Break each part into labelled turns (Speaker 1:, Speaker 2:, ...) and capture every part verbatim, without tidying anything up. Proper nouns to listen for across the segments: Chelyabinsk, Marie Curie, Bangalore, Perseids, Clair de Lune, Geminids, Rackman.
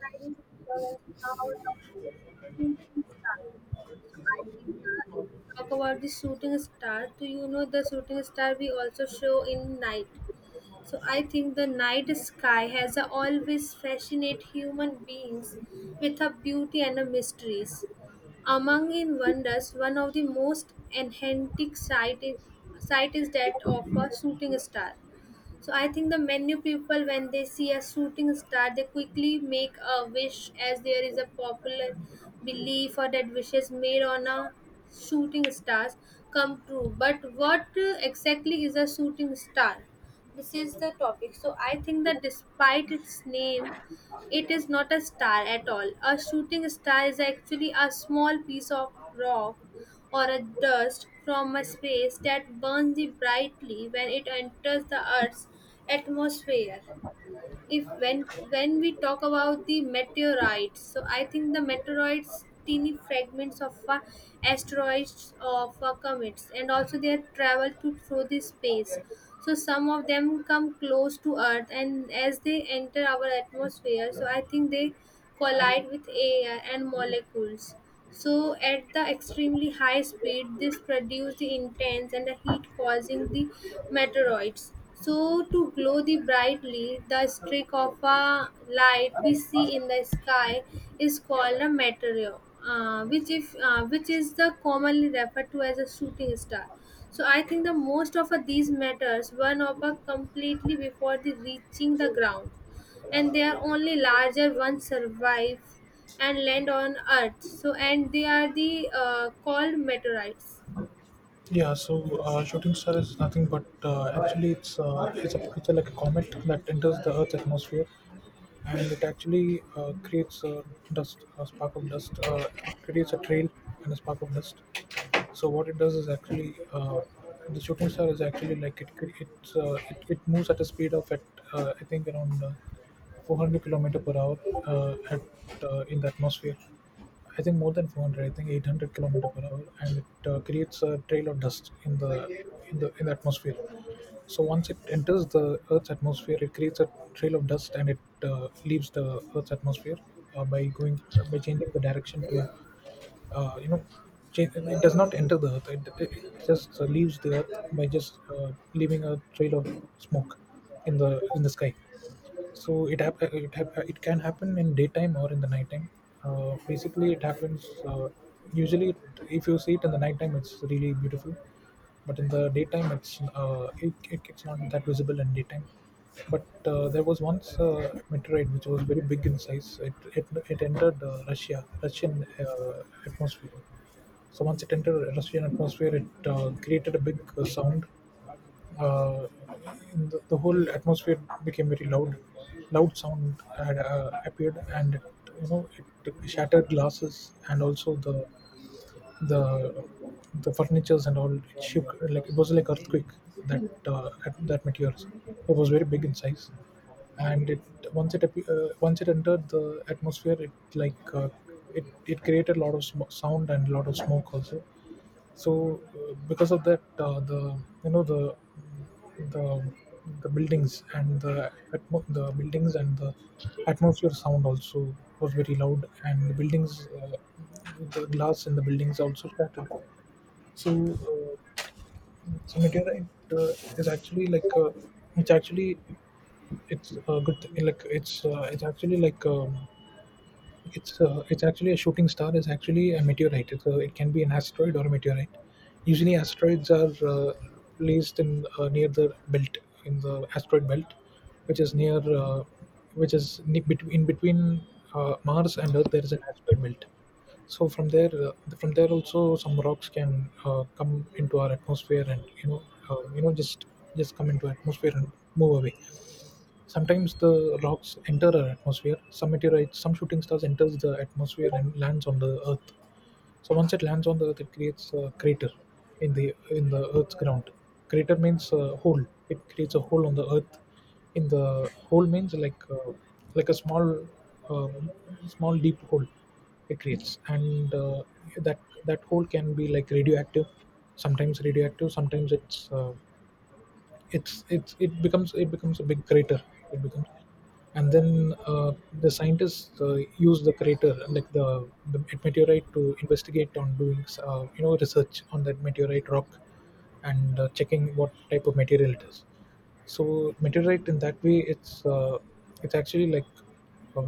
Speaker 1: Tries to balance out of his shooting star. So I think uh, if we talk about the shooting star, do you know the shooting star we also show in night? So I think the night sky has a always fascinate human beings with a beauty and a mysteries. Among in wonders, one of the most enchanting sight is, sight is that of a shooting star. So I think the menu people, when they see a shooting star, they quickly make a wish, as there is a popular belief or that wishes made on a shooting stars come true. But what uh, exactly is a shooting star? This is the topic. So I think that despite its name, it is not a star at all. A shooting star is actually a small piece of rock or a dust from a space that burns the brightly when it enters the earth's atmosphere if when when we talk about the meteorites. So I think the meteorites teeny fragments of uh, asteroids of uh, comets, and also their travel to through the space. So some of them come close to earth, and as they enter our atmosphere, so I think they collide with air and molecules. So, at the extremely high speed, this produces the intense and the heat causing the meteoroids. So, to glow the brightly, the streak of a light we see in the sky is called a meteor, uh, which if uh, which is the commonly referred to as a shooting star. So, I think the most of uh, these matters burn up uh, completely before the reaching the ground, and their only larger ones survive and land on earth, so and they are the uh, called meteorites.
Speaker 2: Yeah, so uh, shooting star is nothing but uh, actually it's uh, it's a it's a, like a comet that enters the Earth's atmosphere, and it actually uh, creates uh, dust, a spark of dust. Uh, it creates a trail and a spark of dust. So what it does is actually uh, the shooting star is actually like it cre- it's, uh, it it moves at a speed of at uh, I think around uh, four hundred kilometer per hour uh, at uh, in the atmosphere. I think more than four hundred, I think eight hundred kilometer per hour, and it uh, creates a trail of dust in the in the in the atmosphere. So once it enters the Earth's atmosphere, it creates a trail of dust, and it uh, leaves the Earth's atmosphere uh, by going by changing the direction to uh, you know cha- it does not enter the earth, it, it it just uh, leaves the earth by just uh, leaving a trail of smoke in the in the sky. So it hap- it, hap- it can happen in daytime or in the nighttime. Uh, basically it happens, uh, usually, it, if you see it in the nighttime it's really beautiful, but in the daytime it's uh, it, it, it's not that visible in daytime. But uh, there was once a meteorite which was very big in size. It it, it entered uh, russia russian uh, atmosphere. So once it entered russian atmosphere it uh, created a big uh, sound. uh, in the, the whole atmosphere became very loud. Loud sound had uh, appeared, and it, you know, it shattered glasses, and also the the the furnitures and all. It shook like it was like earthquake, that uh, that, that meteorism. It was very big in size, and it once it appe- uh, once it entered the atmosphere it like uh, it, it created a lot of sm- sound and a lot of smoke also. So uh, because of that, uh, the you know the the the buildings and the atmo- the buildings and the atmosphere sound also was very loud, and the buildings, uh, the glass in the buildings also shattered. So uh, so meteorite uh, is actually like, uh, it's actually, it's a good thing. Like it's uh, it's actually like, um, it's uh, it's actually, a shooting star is actually a meteorite. It's a, it can be an asteroid or a meteorite. Usually, asteroids are uh, placed in uh, near the belt, in the asteroid belt, which is near uh, which is ne- between, in between, uh, Mars and Earth. There is an asteroid belt. So from there, uh, from there also some rocks can uh, come into our atmosphere, and you know, uh, you know just just come into atmosphere and move away. Sometimes the rocks enter our atmosphere. Some meteorites, some shooting stars enters the atmosphere and lands on the Earth. So once it lands on the Earth, it creates a crater in the in the Earth's ground. Crater means a hole. It creates a hole on the Earth. In the hole means like, uh, like a small, uh, small deep hole it creates, and uh, that that hole can be like radioactive. Sometimes radioactive. Sometimes it's uh, it's it's it becomes it becomes a big crater. It becomes, and then uh, the scientists uh, use the crater like the, the meteorite to investigate, on doing, uh, you know, research on that meteorite rock, and uh, checking what type of material it is. So meteorite in that way it's uh, it's actually like, uh,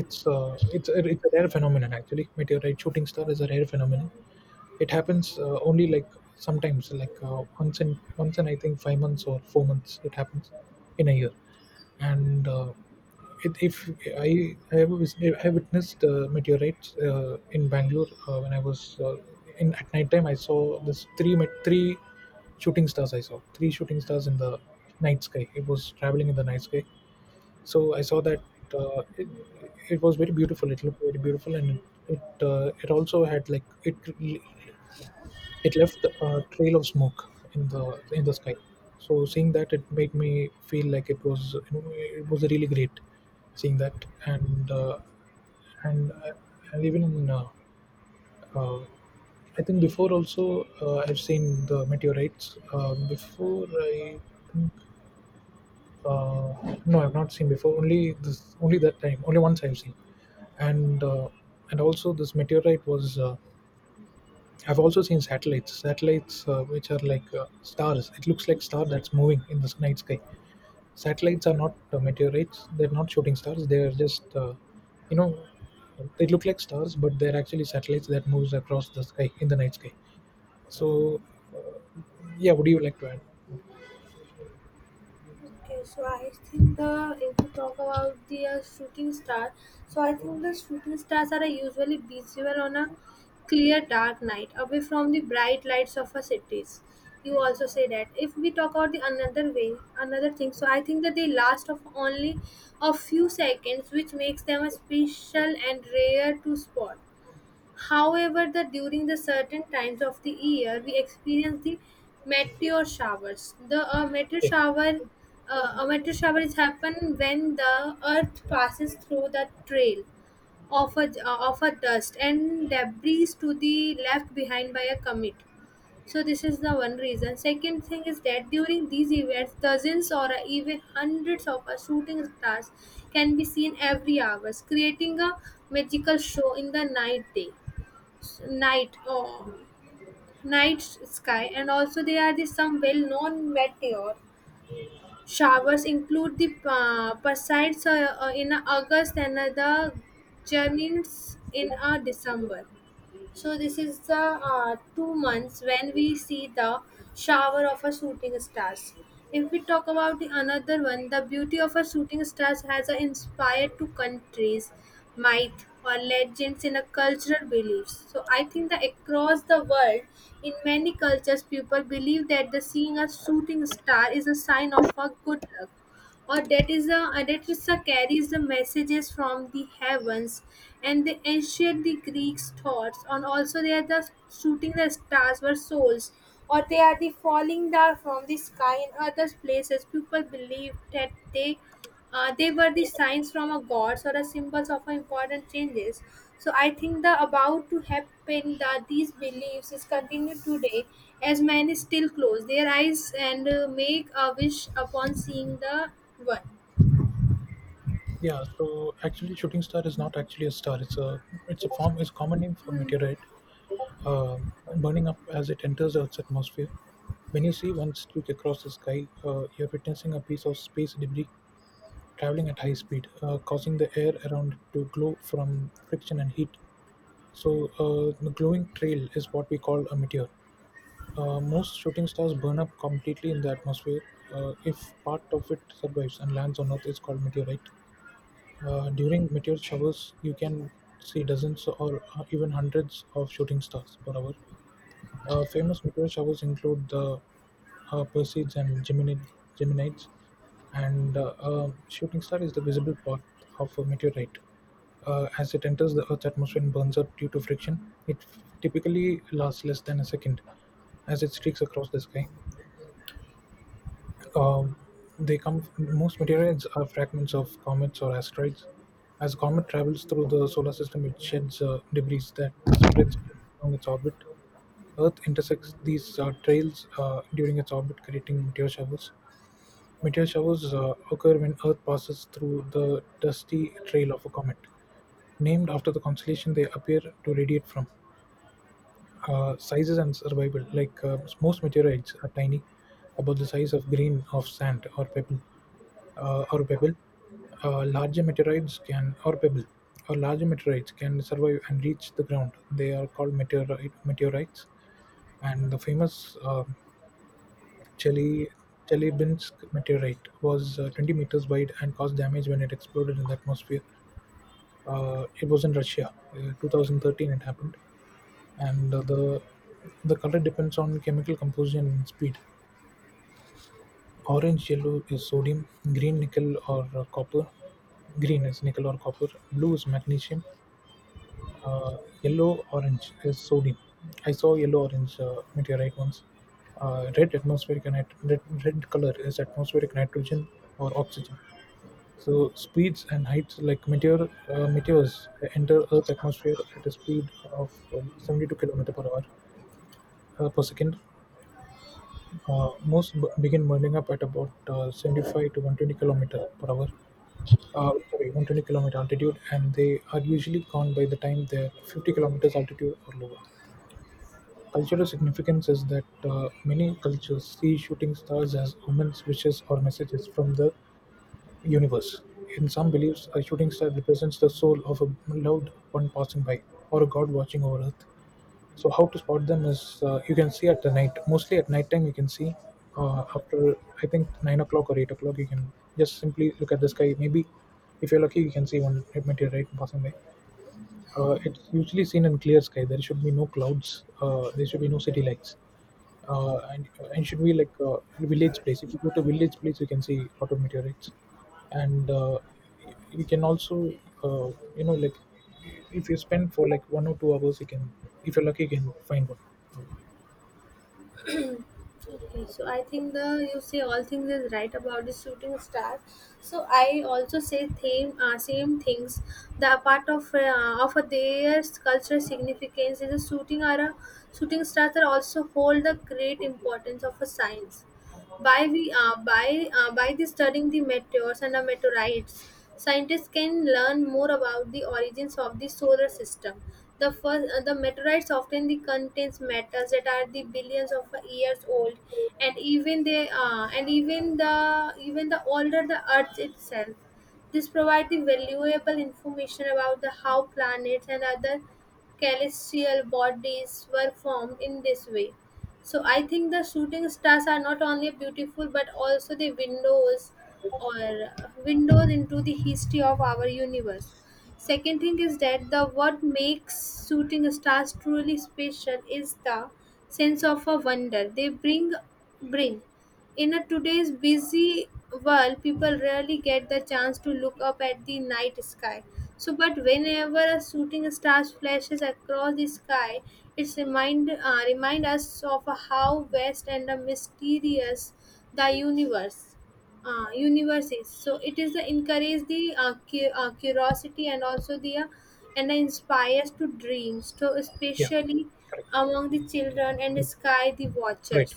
Speaker 2: it's uh, it's a, it's a rare phenomenon actually. Meteorite shooting star is a rare phenomenon. It happens uh, only like sometimes, like uh, once in once in I think five months or four months. It happens in a year, and uh, it, if I I have wis- I witnessed uh, meteorites uh, in Bangalore uh, when I was uh, in at night time. I saw this three met three shooting stars. I saw three shooting stars in the night sky. It was traveling in the night sky, so I saw that, uh, it, it was very beautiful. It looked very beautiful, and it uh, it also had like it it left a trail of smoke in the in the sky. So seeing that, it made me feel like it was, you know, it was really great seeing that, and uh, and uh, and even in, uh, uh, I think before also, uh, I've seen the meteorites. Uh, before I think, uh, no, I've not seen before. Only this, only that time, only once I've seen, and uh, and also this meteorite was. Uh, I've also seen satellites, satellites uh, which are like uh, stars. It looks like star that's moving in the night sky. Satellites are not uh, meteorites. They're not shooting stars. They are just, uh, you know, they look like stars, but they're actually satellites that moves across the sky in the night sky. So, uh, yeah, would you like to add? Yeah.
Speaker 1: Okay, so I think the if we talk about the uh, shooting star, so I think the shooting stars are usually visible on a clear dark night, away from the bright lights of our cities. You also say that if we talk about the another way, another thing. So I think that they last of only a few seconds, which makes them a special and rare to spot. However, the during the certain times of the year, we experience the meteor showers. The uh, meteor shower, uh, a meteor shower is happen when the Earth passes through the trail of a uh, of a dust and debris to the left behind by a comet. So this is the one reason. Second thing is that during these events, dozens or even hundreds of a shooting stars can be seen every hours, creating a magical show in the night day night oh, night sky. And also there are the some well-known meteor showers include the uh, Perseids uh, uh, in August, and uh, the Geminids in uh, December. So this is the uh, two months when we see the shower of a shooting stars. If we talk about the another one, the beauty of a shooting stars has a inspired to countries, myth or legends in a cultural beliefs. So I think that across the world, in many cultures, people believe that the seeing a shooting star is a sign of a good luck, or that is a uh, that is a carries the messages from the heavens, and the ancient the greeks thoughts, and also they are the shooting the stars were souls, or they are the falling down from the sky. In other places people believe that they uh, they were the signs from a gods or a symbols of important changes. So I think the about to happen that these beliefs is continued today, as men still close their eyes and uh, make a wish upon seeing the one.
Speaker 2: Yeah, so actually, shooting star is not actually a star. It's a it's a form. It's a common name for meteorite, uh, burning up as it enters Earth's atmosphere. When you see one streak across the sky, uh, you're witnessing a piece of space debris traveling at high speed, uh, causing the air around it to glow from friction and heat. So, uh, the glowing trail is what we call a meteor. Uh, most shooting stars burn up completely in the atmosphere. Uh, if part of it survives and lands on Earth, it's called meteorite. Uh, during meteor showers, you can see dozens or uh, even hundreds of shooting stars per hour. Uh, famous meteor showers include the uh, Perseids and Gemini- Geminids, and uh, a shooting star is the visible path of a meteorite. Uh, as it enters the Earth's atmosphere and burns up due to friction, it typically lasts less than a second as it streaks across the sky. Um, they come, most materials are fragments of comets or asteroids. As a comet travels through the solar system, it sheds uh, debris that spreads along its orbit. Earth intersects these uh, trails uh, during its orbit, creating meteor showers. Meteor showers uh, occur when Earth passes through the dusty trail of a comet, named after the constellation they appear to radiate from. Uh, sizes and survival, like uh, most meteorites are tiny, about the size of grain of sand or pebble uh, or pebble uh, larger meteorites can or pebble or larger meteorites can survive and reach the ground. They are called meteorite meteorites. And the famous uh, Chely- Chelyabinsk meteorite was uh, twenty meters wide and caused damage when it exploded in the atmosphere. Uh, it was in Russia, uh, twenty thirteen. It happened, and uh, the the color depends on chemical composition and speed. Orange yellow is sodium. green nickel or uh, copper Green is nickel or copper. Blue is magnesium. Uh, yellow orange is sodium. I saw yellow orange uh, meteorite once. uh, red atmospheric and nit- red, red color is atmospheric nitrogen or oxygen. So speeds and heights, like meteor uh, meteors enter earth's atmosphere at a speed of uh, seventy-two kilometer per hour, uh, per second. Uh, most b- begin burning up at about uh, seventy-five to one hundred twenty kilometer per hour. Uh, sorry, one hundred twenty kilometer altitude, and they are usually gone by the time they're fifty kilometers altitude or lower. Cultural significance is that uh, many cultures see shooting stars as omens, wishes, or messages from the universe. In some beliefs, a shooting star represents the soul of a loved one passing by, or a god watching over Earth. So how to spot them is, uh, you can see at the night, mostly at night time you can see, uh, after I think nine o'clock or eight o'clock, you can just simply look at the sky. Maybe if you're lucky you can see one meteorite passing by. Uh, it's usually seen in clear sky. There should be no clouds. Uh, there should be no city lights. Uh, and uh, and should be like a village place. If you go to village place, you can see a lot of meteorites. And uh, you can also, uh, you know, like, if you spend for like one or two hours, you can, if you're lucky, you can find one.
Speaker 1: Okay, so I think the you say all things is right about the shooting star. So I also say same uh, same things. The part of uh, of their cultural significance is a shooting are a shooting stars are also hold the great importance of a science. By, we, uh, by, uh, by the studying the meteors and the meteorites, scientists can learn more about the origins of the solar system. The, first, uh, the meteorites often the contains metals that are the billions of years old, and even they uh, and even the even the older the Earth itself. This provides the valuable information about the how planets and other celestial bodies were formed in this way. So I think the shooting stars are not only beautiful but also the windows or windows into the history of our universe. Second thing is that the what makes shooting stars truly special is the sense of a wonder they bring bring. In a today's busy world, people rarely get the chance to look up at the night sky. So, but whenever a shooting star flashes across the sky, it's remind uh, remind us of how vast and mysterious the universe uh, universes. So it is the encourage the uh, cu- uh, curiosity, and also the uh, and inspires to dreams. So
Speaker 2: Yeah,
Speaker 1: especially
Speaker 2: correct,
Speaker 1: among the children and the
Speaker 2: correct,
Speaker 1: sky the
Speaker 2: right.
Speaker 1: watchers.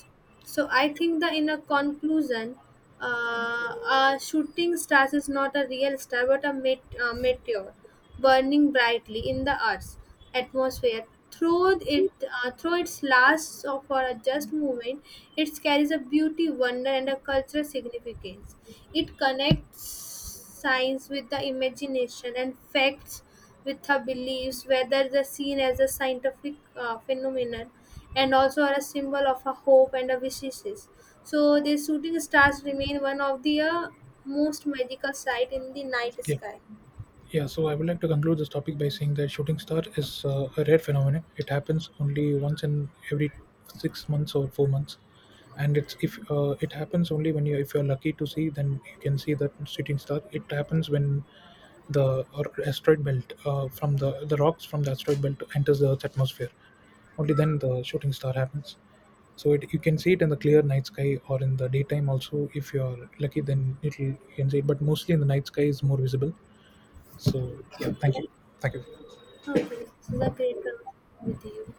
Speaker 1: So I think that in a conclusion, uh, a shooting stars is not a real star but a met- uh, meteor burning brightly in the Earth's atmosphere. Through it, uh, through its last of- for a just moment, it carries a beauty, wonder, and a cultural significance. It connects science with the imagination and facts with her beliefs, whether the seen as a scientific uh, phenomenon and also are a symbol of her hope and her wishes. So, the shooting stars remain one of the uh, most magical sight in the night
Speaker 2: Yeah.
Speaker 1: sky.
Speaker 2: Yeah, so I would like to conclude this topic by saying that shooting star is uh, a rare phenomenon. It happens only once in every six months or four months, and it's if uh, it happens only when you if you're lucky to see, then you can see that shooting star. It happens when the or asteroid belt, uh, from the the rocks from the asteroid belt enters the Earth's atmosphere. Only then the shooting star happens. So it, you can see it in the clear night sky or in the daytime also. If you are lucky, then it'll you can see it. But mostly in the night sky is more visible, so yeah, thank you. Thank you.
Speaker 1: Okay, this is a great conversation with you.